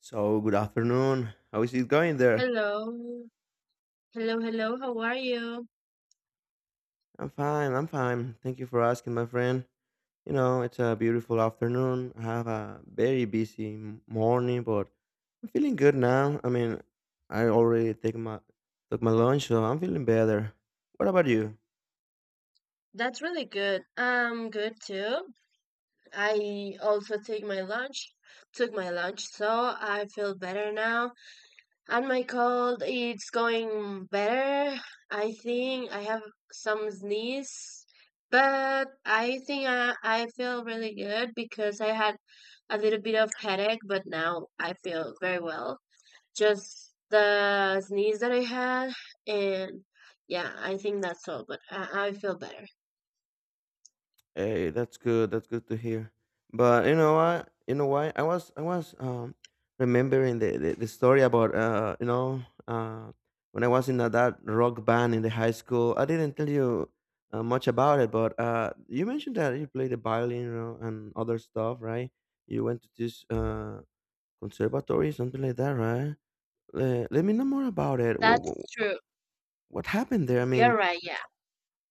So, good afternoon. How is it going there? Hello. Hello, hello. How are you? I'm fine, I'm fine. Thank you for asking, my friend. You know, it's a beautiful afternoon. I have a very busy morning, but I'm feeling good now. I mean, I already take my took my lunch, so I'm feeling better. What about you? That's really good. I'm good too. I also took my lunch, so I feel better now. And my cold, it's going better. I think I have some sneeze, but I think I feel really good because I had a little bit of headache, but now I feel very well. Just the sneeze that I had, and yeah, I think that's all. But I feel better. Hey, that's good. That's good to hear. But you know what? You know why? I was remembering the story about when I was in that rock band in the high school. I didn't tell you much about it, but you mentioned that you played the violin, and other stuff, right? You went to this conservatory, something like that, right? Let me know more about it. What, That's true. what happened there? I You're mean, right. Yeah.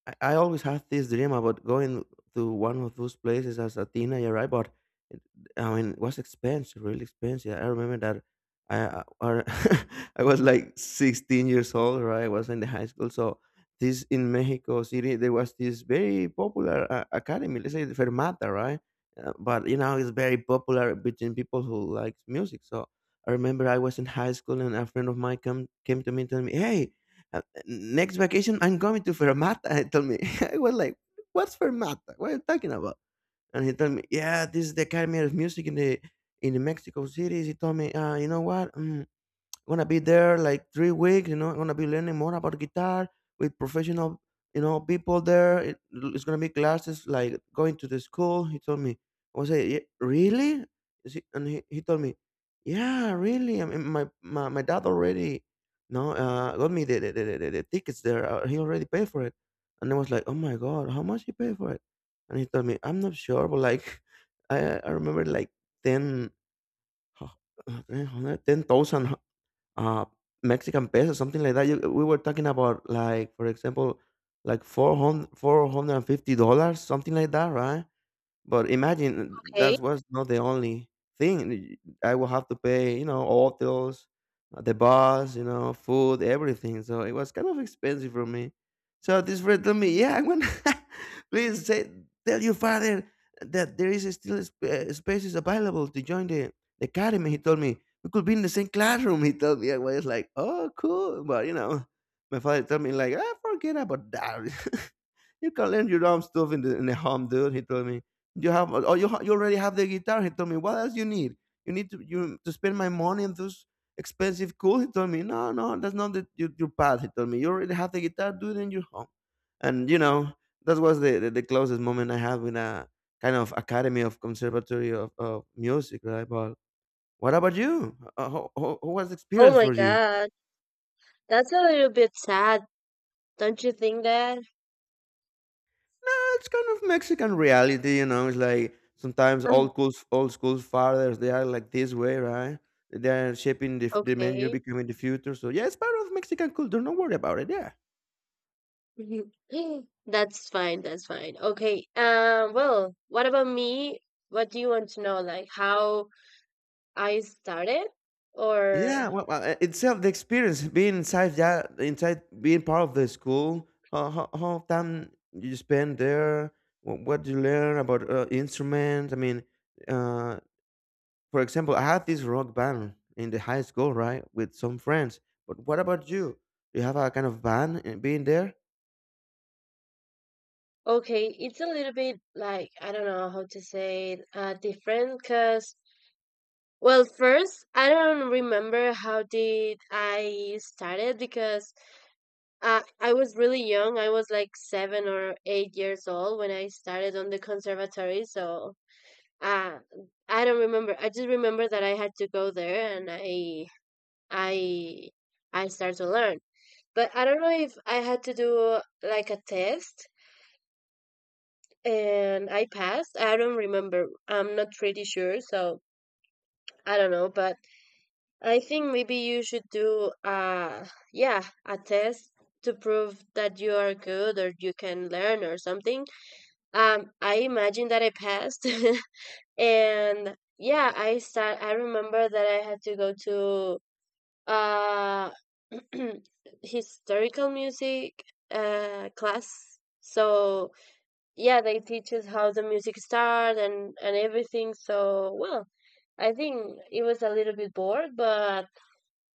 I always had this dream about going to one of those places as a teenager, right? But it, I mean, it was expensive, really expensive. I remember that I I was like 16 years old, right? I was in the high school, so this, in Mexico City, there was this very popular academy, let's say the Fermata, right? But it's very popular between people who like music. So I remember I was in high school and a friend of mine come came to me and told me, "Hey. Next vacation I'm going to Fermata." He told me. I was like, what's Fermata? What are you talking about? And he told me, yeah, this is the Academy of Music in the Mexico cities. He told me, you know what? Gonna be there like 3 weeks. You know, I'm gonna be learning more about guitar with professional people there. It's gonna be classes like going to the school. He told me, I was like, Really? Is he," and he told me, yeah, really. I mean, my dad no, got me the tickets there. He already paid for it. And I was like, oh my god, how much he paid for it? And he told me, I'm not sure, but like, I remember like ten. 10,000 uh Mexican pesos, something like that. We were talking about, like, for example, like, four hundred four hundred and fifty dollars, something like that, right? But imagine, Okay. that was not the only thing. I will have to pay, hotels, the bus, food, everything. So it was kind of expensive for me. So this friend told me, "Yeah, I'm gonna please say, tell your father that there is still spaces available to join the academy." He told me we could be in the same classroom. He told me I was like, "Oh, cool," but you know, my father told me like, ah, "Forget about that." You can learn your own stuff in the home, dude. He told me, you have, oh, you already have the guitar. He told me, what else you need? You need to spend my money on those expensive cool. He told me, no, no, that's not your path. He told me, you already have the guitar, do it in your home. And you know, that was the closest moment I had with a kind of academy of conservatory of music, right? But what about you? How was the Oh experience my for you? God, that's a little bit sad. Don't you think that? Yeah, it's kind of Mexican reality, you know. It's like sometimes Mm. old school fathers, they are like this way, right? They are shaping the men you're Okay. becoming in the future. So yeah, it's part of Mexican culture. Don't worry about it. Yeah. That's fine. That's fine. Okay. Well, what about me? What do you want to know? Like how I started, Yeah, or well, itself the experience being inside that inside being part of the school. How time you spend there? What you learn about, instruments? I mean, uh, For example, I had this rock band in the high school, right, with some friends. But what about you? Do you have a kind of band and being there? okay, it's a little bit like I don't know how to say it, different. Because, well, first, I don't remember how did I started, because I was really young. I was like 7 or 8 years old when I started on the conservatory. So uh, I don't remember. I just remember that I had to go there, and I I started to learn. But I don't know if I had to do like a test and I passed. I don't remember. I'm not pretty sure. So I don't know, but I think maybe you should do yeah, a test to prove that you are good or you can learn or something. I imagine that I passed. And yeah, I remember that I had to go to uh historical music class. So yeah, they teach us how the music starts and everything. So, well, I think it was a little bit bored, but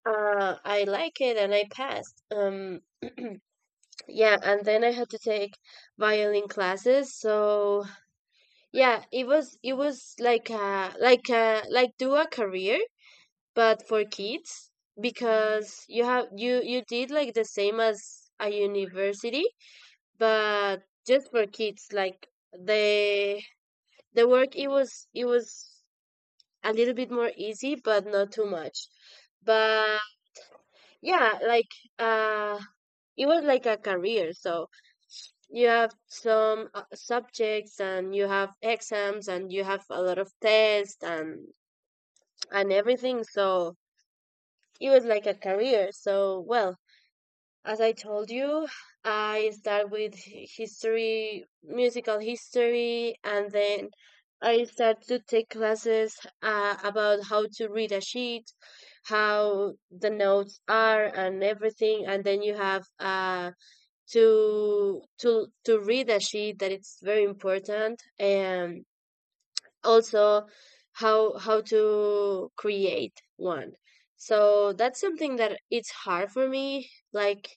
I like it and I passed. Yeah, and then I had to take violin classes. So yeah, it was like like do a career, but for kids, because you have you you did like the same as a university, but just for kids. Like the the work, it was a little bit more easy, but not too much. But yeah, like uh it was like a career, so you have some subjects, and you have exams, and you have a lot of tests and everything. So it was like a career. So, well, as I told you, I start with hi- history, musical history, and then I start to take classes about how to read a sheet, how the notes are and everything. And then you have to read a sheet, that it's very important, and also how to create one. So that's something that it's hard for me, like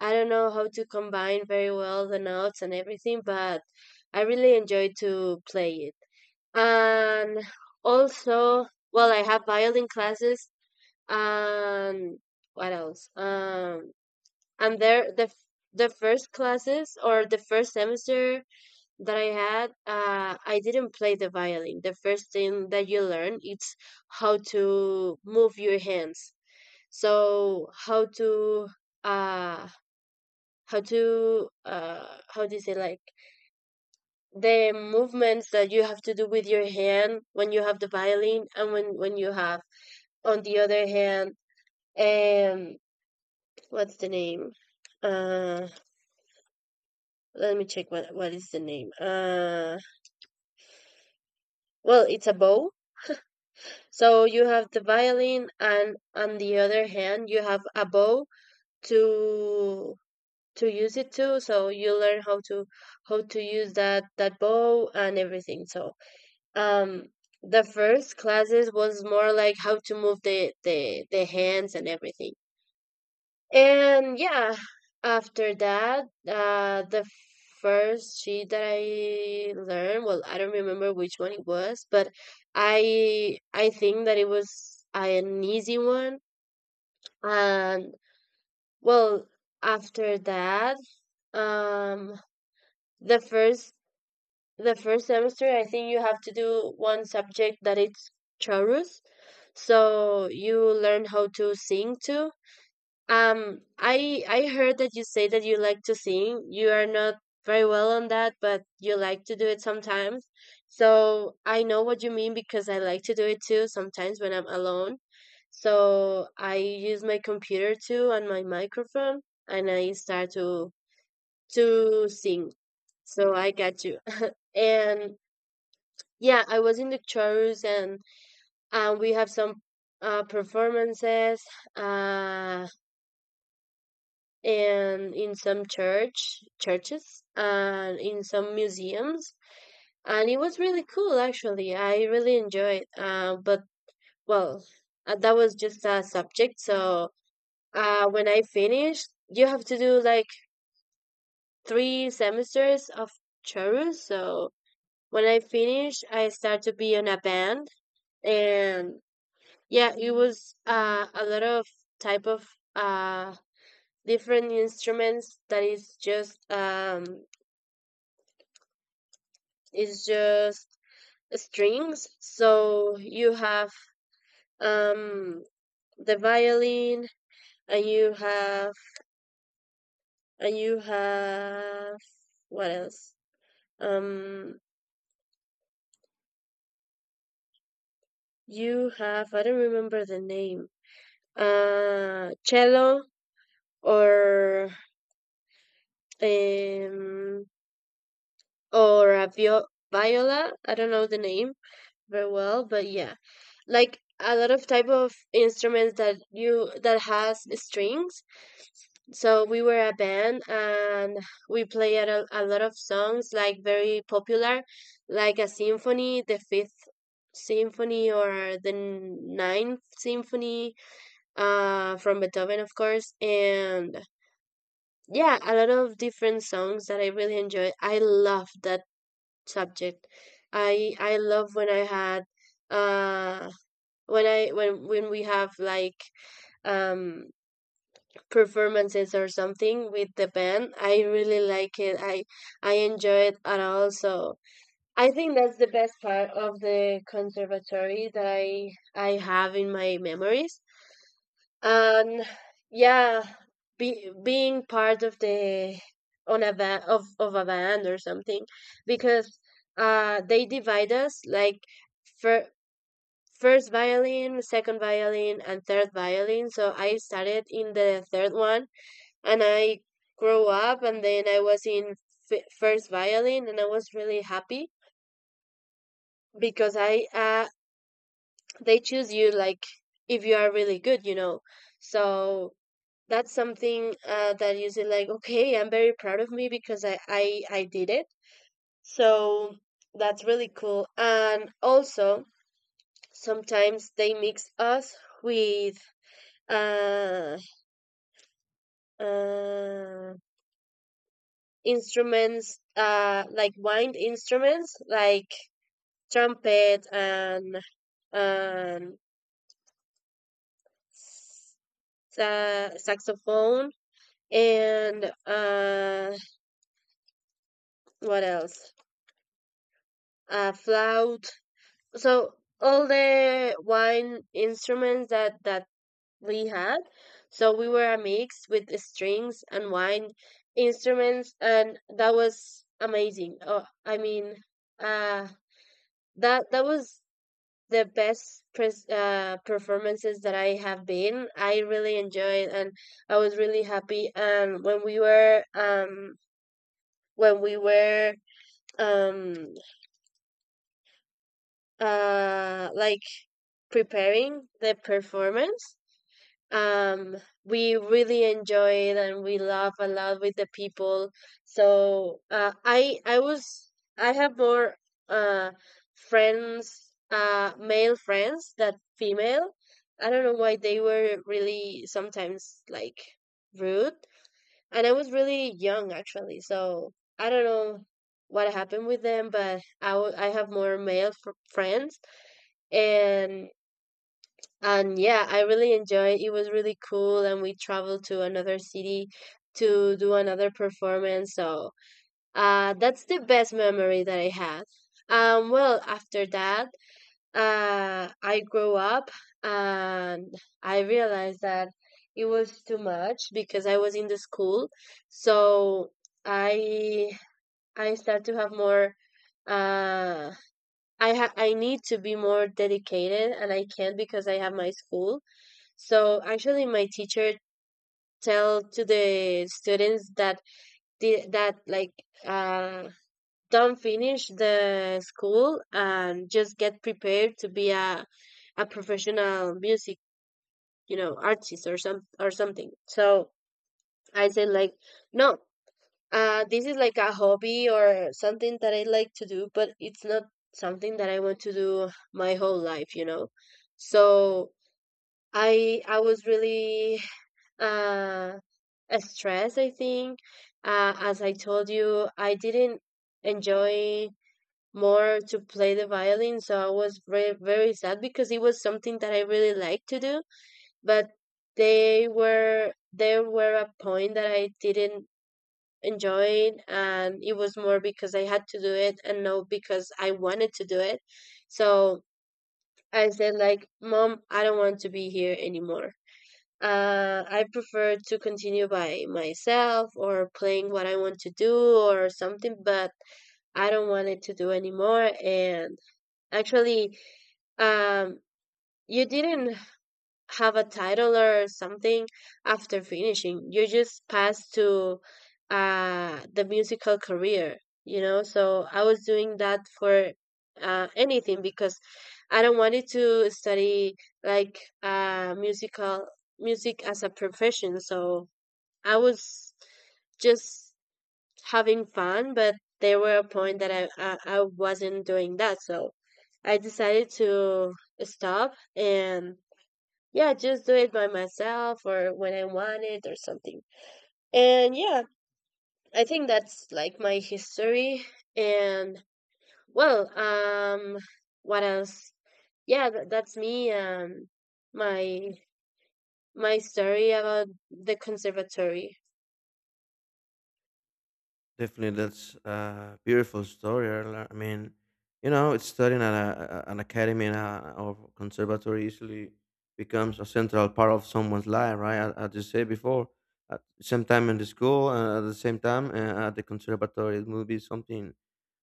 I don't know how to combine very well the notes and everything, but I really enjoy to play it. And also, well, I have violin classes, and what else? And there the first classes, or the first semester that I had, I didn't play the violin. The first thing that you learn it's how to move your hands. So uh how do you say, like, the movements that you have to do with your hand when you have the violin, and when you have on the other hand. um what's the name? uh Let me check what is the name. Well, it's a bow. So you have the violin, and on the other hand, you have a bow to use it too. So you learn how to use that bow and everything. So, um, the first classes was more like how to move the hands and everything. And yeah, after that, the first sheet that I learned, well, I don't remember which one it was, but I think that it was an easy one. And, well, after that, um, the first the first semester, I think you have to do one subject that it's chorus, so you learn how to sing too. I heard that you say that you like to sing. You are not very well on that, but you like to do it sometimes. So I know what you mean, because I like to do it too sometimes when I'm alone. So I use my computer too and my microphone, and I start to sing. So I got you. And yeah, I was in the chorus, and we have some performances. Uh, and in some churches, and in some museums. And it was really cool, actually. I really enjoyed it. But, well, that was just a subject. So, when I finished, you have to do like 3 semesters of chorus. So when I finished, I started to be in a band. And yeah, it was, a lot of type of uh, different instruments. That is just, it's just strings. So you have um the violin, and you have and you have. What else? Um you have, I don't remember the name. Cello, or um or a viola. I don't know the name very well, but yeah. Like a lot of type of instruments that you that has strings. So we were a band, and we played a lot of songs, like very popular, like a symphony, the fifth symphony, or the ninth symphony, from Beethoven, of course. And yeah, a lot of different songs that I really enjoy. I love that subject. I love when I had uh when I when we have, like, um performances or something with the band. I really like it. I enjoy it at all. So I think that's the best part of the conservatory that I have in my memories. And yeah, being part of the on a van of a band or something, because they divide us, like, for first violin, second violin, and third violin. So I started in the third one, and I grew up, and then I was in first violin, and I was really happy because I they choose you, like, if you are really good, you know. So that's something, that you say, like, okay, I'm very proud of me because I did it. So that's really cool. And also, sometimes they mix us with uh uh, instruments, like wind instruments, like trumpet and saxophone, and, what else? Flout. So all the wind instruments that we had. So we were a mix with the strings and wind instruments, and that was amazing. Oh, I mean, uh, that was the best performances that I have been. I really enjoyed, and I was really happy. And when we were um like preparing the performance, um we really enjoy it, and we laugh a lot with the people. So, I have more uh friends, male friends than female. I don't know why they were really sometimes, like, rude. And I was really young, actually. So I don't know what happened with them, but I have more male friends. And and yeah, I really enjoyed. It was really cool, and we traveled to another city to do another performance. So, that's the best memory that I had. Well, after that, I grew up, and I realized that it was too much because I was in the school. So I I start to have more. Uh, I need to be more dedicated, and I can't because I have my school. So, actually, my teacher tell to the students that that, like, uh, don't finish the school and just get prepared to be a professional music artist, or something. So I said, like, no, this is like a hobby or something that I like to do, but it's not something that I want to do my whole life. So I was really, uh, a stress, I think. As I told you, I didn't enjoy more to play the violin, so I was very, very sad because it was something that I really liked to do. But they were there were a point that I didn't enjoy it, and it was more because I had to do it and not because I wanted to do it. So I said, like, Mom, I don't want to be here anymore. I prefer to continue by myself, or playing what I want to do or something, but I don't want it to do anymore. And, actually, um, you didn't have a title or something after finishing. You just pass to, the musical career, you know? So I was doing that for, anything, because I don't wanted to study, like, music as a profession. So I was just having fun, but there were a point that I wasn't doing that. So I decided to stop and yeah, just do it by myself or when I want it or something. And yeah, I think that's like my history. And well, what else? Yeah, that's me. My my story about the conservatory. Definitely, that's a beautiful story. I mean, you know, it's studying at an academy and or conservatory easily becomes a central part of someone's life, right? As you said before, at the same time in the school, and at the same time at the conservatory, it will be something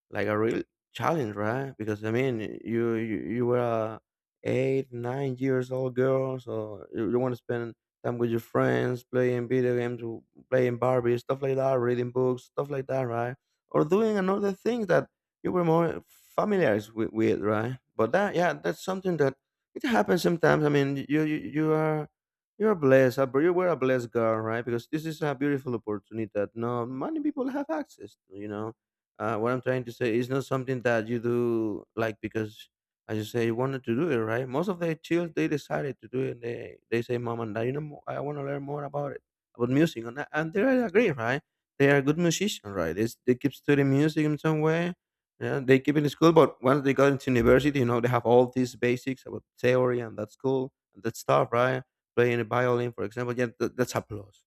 like a real challenge, right? Because I mean, you were a 8, 9 years old girl, so you want to spend time with your friends, playing video games, playing Barbie, stuff like that, reading books, stuff like that, right? Or doing another thing that you were more familiar with, right? But that, yeah, that's something that it happens sometimes. I mean, you're blessed. Bro, you were a blessed girl, right? Because this is a beautiful opportunity that not many people have access to. What I'm trying to say is not something that you do like because, as you say, you wanted to do it, right? Most of the children, they decided to do it. And they say, "Mom and Dad, I want to learn more about it, about music," and they really agree, right? They are good musicians, right? They keep studying music in some way. Yeah, they keep in school, but once they got into university, they have all these basics about theory, and that's cool and that stuff, right? Playing a violin, for example, yeah, that's a plus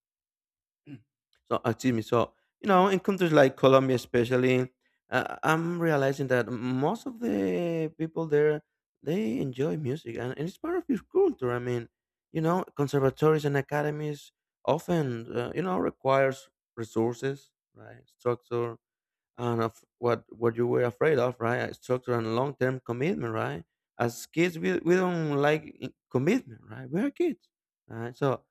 so, excuse me. So, in countries like Colombia, especially, I'm realizing that most of the people there, they enjoy music, and it's part of your culture. I mean, conservatories and academies often, requires resources, right, structure, and of what you were afraid of, right? A structure and long term commitment, right? As kids, we don't like commitment, right? We are kids, right? So,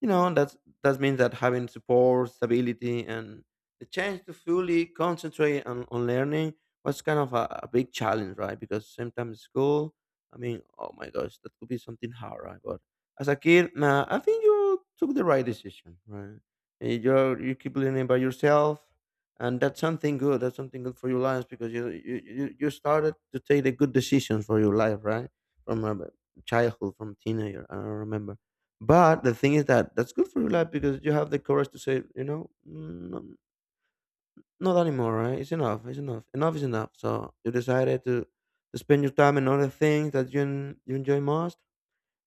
you know, that's that means that having support, stability, and the chance to fully concentrate on learning was kind of a big challenge, right? Because sometimes school, I mean, oh my gosh, that could be something hard, right? But as a kid, nah, I think you took the right decision, right? You keep learning by yourself, and that's something good for your life, because you started to take the good decisions for your life, right, from a childhood, from teenager, I don't remember. But the thing is that that's good for your life, because you have the courage to say, you know, Not anymore, right, it's enough enough is enough." So you decided to spend your time in other things that you enjoy most,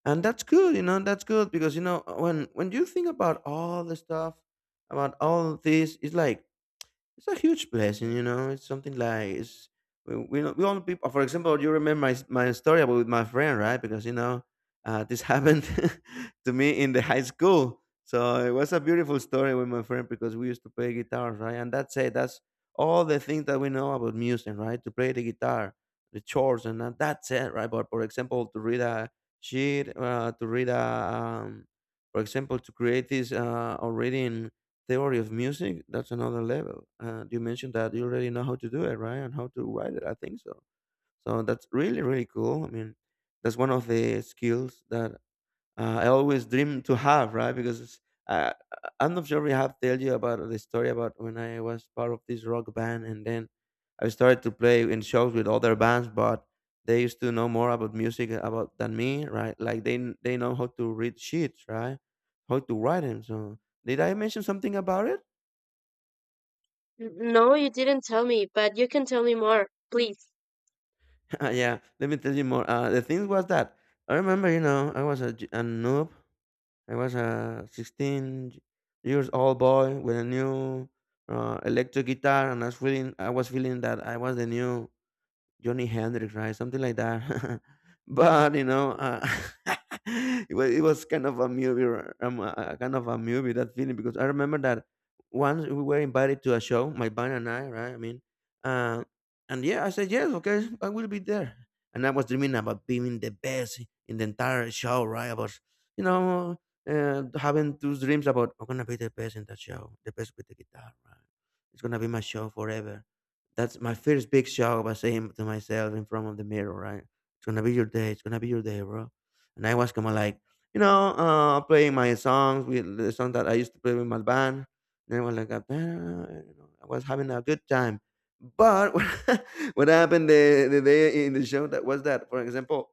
and that's good, that's good, because when you think about all the stuff, about all this, it's like it's a huge blessing. It's something like it's we all people. For example, you remember my story about with my friend, right? Because this happened to me in the high school, so it was a beautiful story with my friend, because we used to play guitars, right? And that's it. That's all the things that we know about music, right? To play the guitar, the chords, and that's it, right? But for example, to read a sheet, to read a um, for example, to create this already theory of music, that's another level. And you mentioned that you already know how to do it, right, and how to write it, I think so. So that's really really cool. I mean, that's one of the skills that I always dream to have, right, because it's, uh, I am not sure if we have tell you about the story about when I was part of this rock band, and then I started to play in shows with other bands, but they used to know more about music about than me, right? Like they know how to read sheets, right, how to write them. So did I mention something about it? No, you didn't tell me, but you can tell me more, please. Yeah, let me tell you more. The thing was that I remember, I was a noob. I was a 16 years old boy with a new electric guitar, and I was feeling that I was the new Johnny Hendrix, right? Something like that. But you know, it was kind of a movie, kind of a movie that feeling, because I remember that once we were invited to a show, my band and I, right? I mean, uh, and yeah, I said yes, okay, I will be there. And I was dreaming about being the best in the entire show, right? I was, you know, having those dreams about I'm gonna be the best in that show, the best with the guitar, right? It's gonna be my show forever. That's my first big shock by saying to myself in front of the mirror, right? It's gonna be your day. It's gonna be your day, bro. And I was kind of like, playing my songs with the song that I used to play with my band. And I was like, you know, I was having a good time. But what happened the day in the show that was that, for example,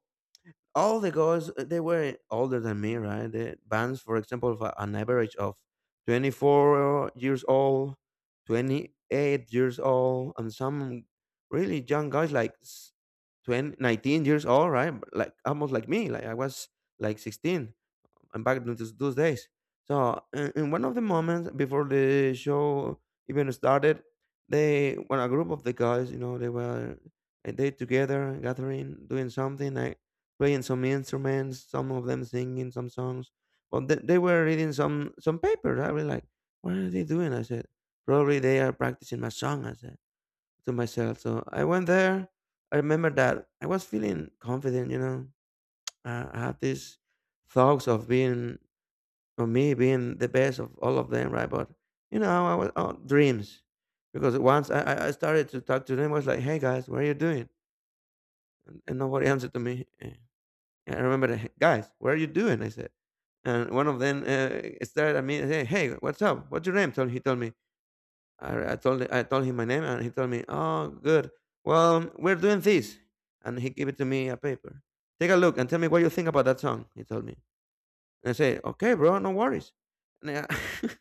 all the girls they were older than me, right? The bands, for example, of an average of 24 years old, 28 years old, and some really young guys like 20, 19 years old, right? Like almost like me, like I was like 16. I'm back to those days. So in one of the moments before the show even started, they, when a group of the guys, you know, they were they together gathering, doing something like playing some instruments, some of them singing some songs. But they were reading some papers. I was like, what are they doing? I said, probably they are practicing my song, I said to myself. So I went there. I remember that I was feeling confident. You know, I had these thoughts of being, or me being, the best of all of them, right? But you know, I was, oh, dreams, because once I started to talk to them, I was like, "Hey, guys, what are you doing?" And nobody answered to me. I remember, the, "Hey, guys, what are you doing?" I said, and one of them stared at me and said, "Hey, what's up? What's your name?" Told he told me. I told him my name, and he told me, "Oh, good. Well, we're doing this," and he gave it to me a paper. Take a look and tell me what you think about that song, he told me, and I say, "Okay, bro, no worries." And I,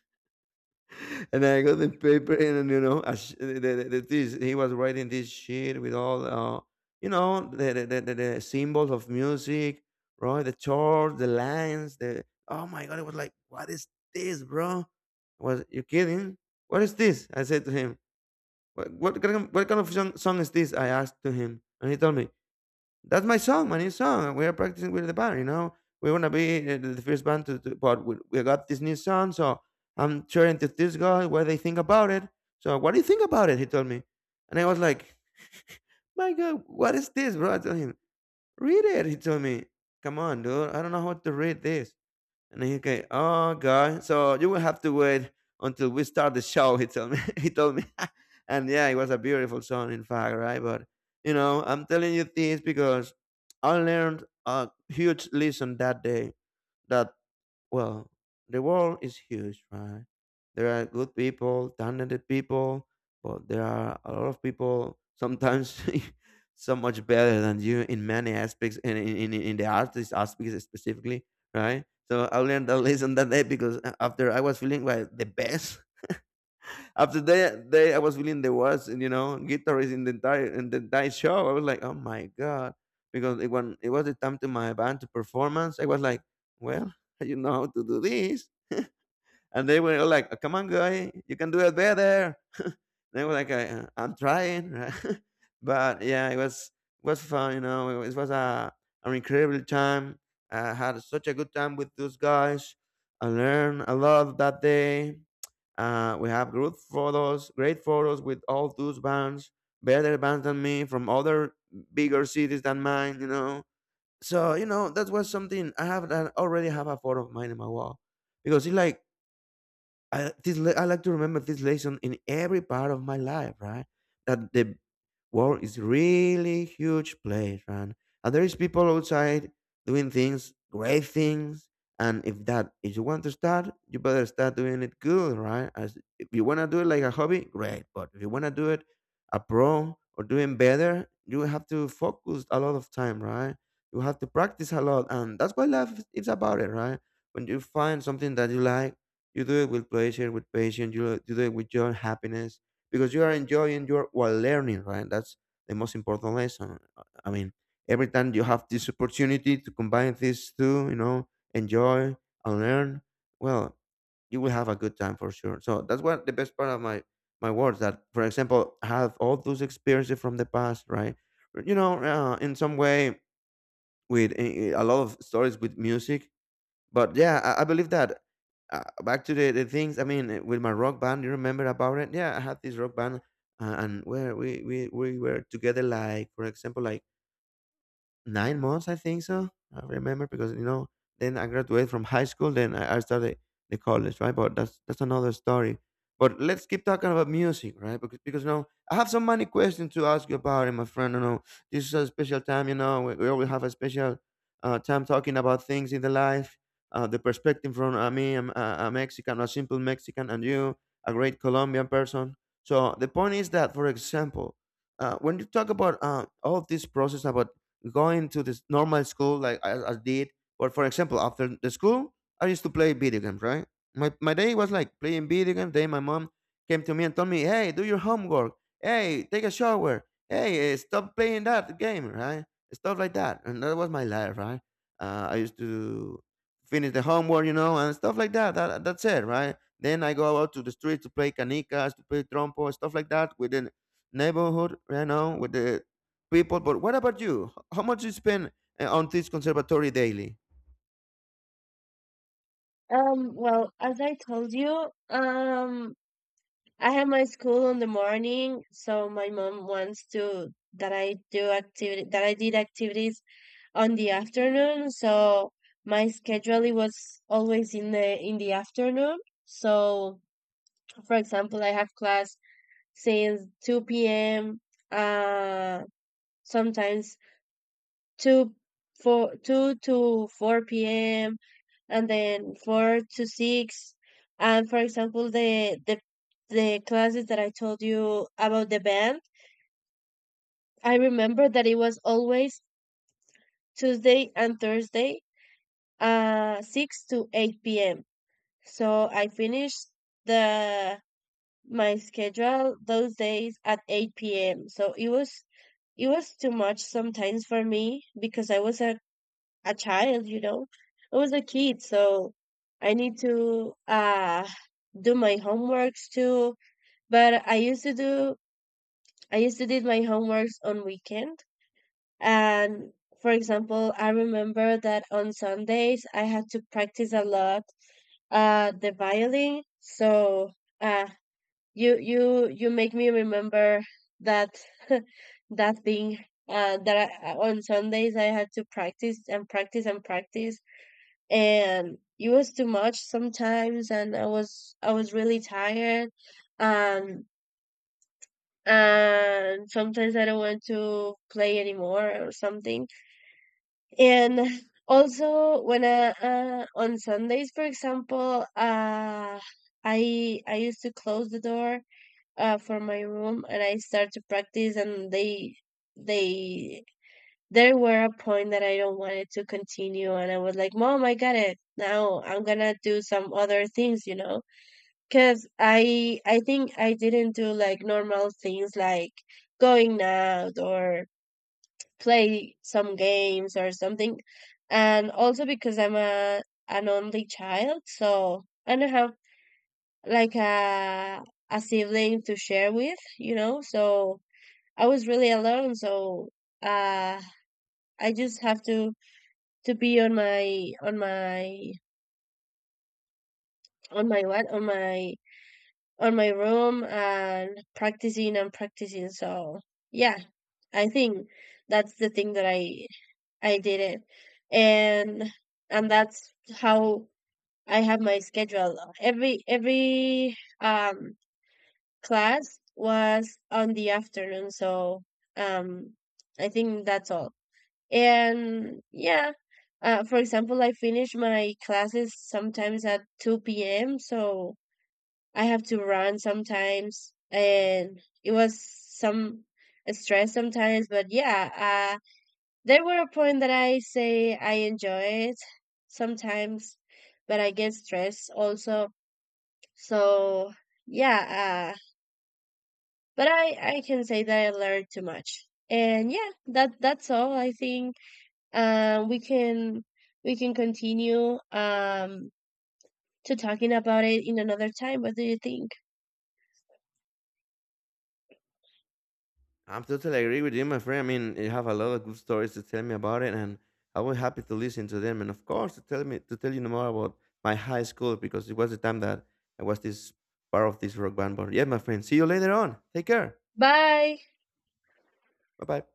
and I got the paper, and you know, as this he was writing this shit with all, you know, the symbols of music, right? The chords, the lines, the, oh my god! It was like, what is this, bro? Was you kidding? What is this? I said to him. What kind of, what kind of song is this? I asked to him, and he told me, that's my song, my new song, and we are practicing with the band, you know. We want to be the first band to, but we got this new song, so I'm sharing to this guy what they think about it. So what do you think about it? He told me. And I was like, my God, what is this, bro? I told him, read it, he told me. Come on, dude. I don't know how to read this. And he, okay, oh god, so you will have to wait until we start the show. He told me. He told me, and yeah, it was a beautiful song, in fact, right? But you know, I'm telling you this because I learned a huge lesson that day. That, well, the world is huge, right? There are good people, talented people, but there are a lot of people sometimes so much better than you in many aspects, and in the artist aspects specifically, right? So I learned that lesson that day, because after I was feeling like the best, after that day I was feeling the worst, and you know, guitarist in the entire show. I was like, oh my god, because it, when it was the time to my band to performance, I was like, well, you know how to do this, and they were like, "Come on, guy, you can do it better." They were like, "I'm trying," right? But yeah, it was fun. You know, it was a an incredible time. I had such a good time with those guys. I learned a lot that day. We have good photos, great photos with all those bands, better bands than me from other bigger cities than mine. You know, so you know, that was something I have, that already have a photo of mine in my wall, because it's like I, this, I like to remember this lesson in every part of my life, right? That the world is really huge place, man. And there is people outside doing things, great things. And if that, if you want to start, you better start doing it good, right? As if you wanna do it like a hobby, great. But if you wanna do it a pro or doing better, you have to focus a lot of time, right? You have to practice a lot, and that's what life is about, it, right? When you find something that you like, you do it with pleasure, with patience. You do it with your happiness, because you are enjoying your while learning, right? That's the most important lesson. I mean, every time you have this opportunity to combine these two, you know, enjoy and learn, well, you will have a good time for sure. So that's what the best part of my my words, that for example I have all those experiences from the past, right? You know, in some way, with a lot of stories with music. But yeah, I believe that. Back to the things. I mean, with my rock band, you remember about it? Yeah, I had this rock band, and where we were together. Like for example, like 9 months, I think so. I remember because, you know, then I graduated from high school, then I started the college, right? But that's another story. But let's keep talking about music, right? Because you know, I have so many questions to ask you about it, my friend. You know, this is a special time, you know, we always have a special time talking about things in the life. The perspective from me, I'm a Mexican, a simple Mexican, and you, a great Colombian person. So the point is that, for example, when you talk about all of this process about going to this normal school like I did. But for example, after the school, I used to play video games, right? My day was like playing video games. Then my mom came to me and told me, hey, do your homework. Hey, take a shower. Hey, stop playing that game, right? Stuff like that. And that was my life, right? I used to finish the homework, you know, and stuff like that. That's it, right? Then I go out to the street to play canicas, to play trompo, stuff like that within neighborhood, you know, with the people. But what about you? How much you spend on this conservatory daily? Well, as I told you, I have my school in the morning, so my mom wants to that I do activity that I did activities on the afternoon. So my scheduling was always in the afternoon. So, for example, I have class since 2 p.m., uh sometimes 2, 2 to 4 p.m., and then 4 to 6. And, for example, the classes that I told you about the band, I remember that it was always Tuesday and Thursday, 6 to 8 p.m. So I finished the my schedule those days at 8 p.m. So it was too much sometimes for me, because I was a child, you know. I was a kid, so I need to do my homeworks too. But I used to do my homeworks on weekend. And, for example, I remember that on Sundays I had to practice a lot the violin. So uh you make me remember that that thing, on Sundays I had to practice and practice and practice, and it was too much sometimes, and I was really tired, um and sometimes I don't want to play anymore or something. And also when I on Sundays, for example, I used to close the door for my room, and I start to practice, and they there were a point that I don't wanted to continue, and I was like, "Mom, I got it. Now I'm gonna do some other things," because I think I didn't do like normal things, like going out or play some games or something, and also because I'm a an only child, so I don't have like a sibling to share with, you know. So I was really alone, so uh I just have to be on my on my on my on my room, and practicing and practicing. So yeah, I think that's the thing that I did it, and that's how I have my schedule. Every class was on the afternoon, so um I think that's all. And yeah, for example, I finish my classes sometimes at 2 p.m., so I have to run sometimes, and it was some stress sometimes, but yeah, there were a point that I say I enjoy it sometimes, but I get stressed also. So yeah, but I can say that I learned too much. And yeah, that's all I think. And we can continue to talking about it in another time. What do you think? I'm totally agree with you, my friend. I mean, you have a lot of good stories to tell me about it, and I was happy to listen to them. And of course, to tell me, to tell you more about my high school, because it was the time that I was this part of this rock band. But yeah, my friend, see you later on. Take care. Bye. Bye bye.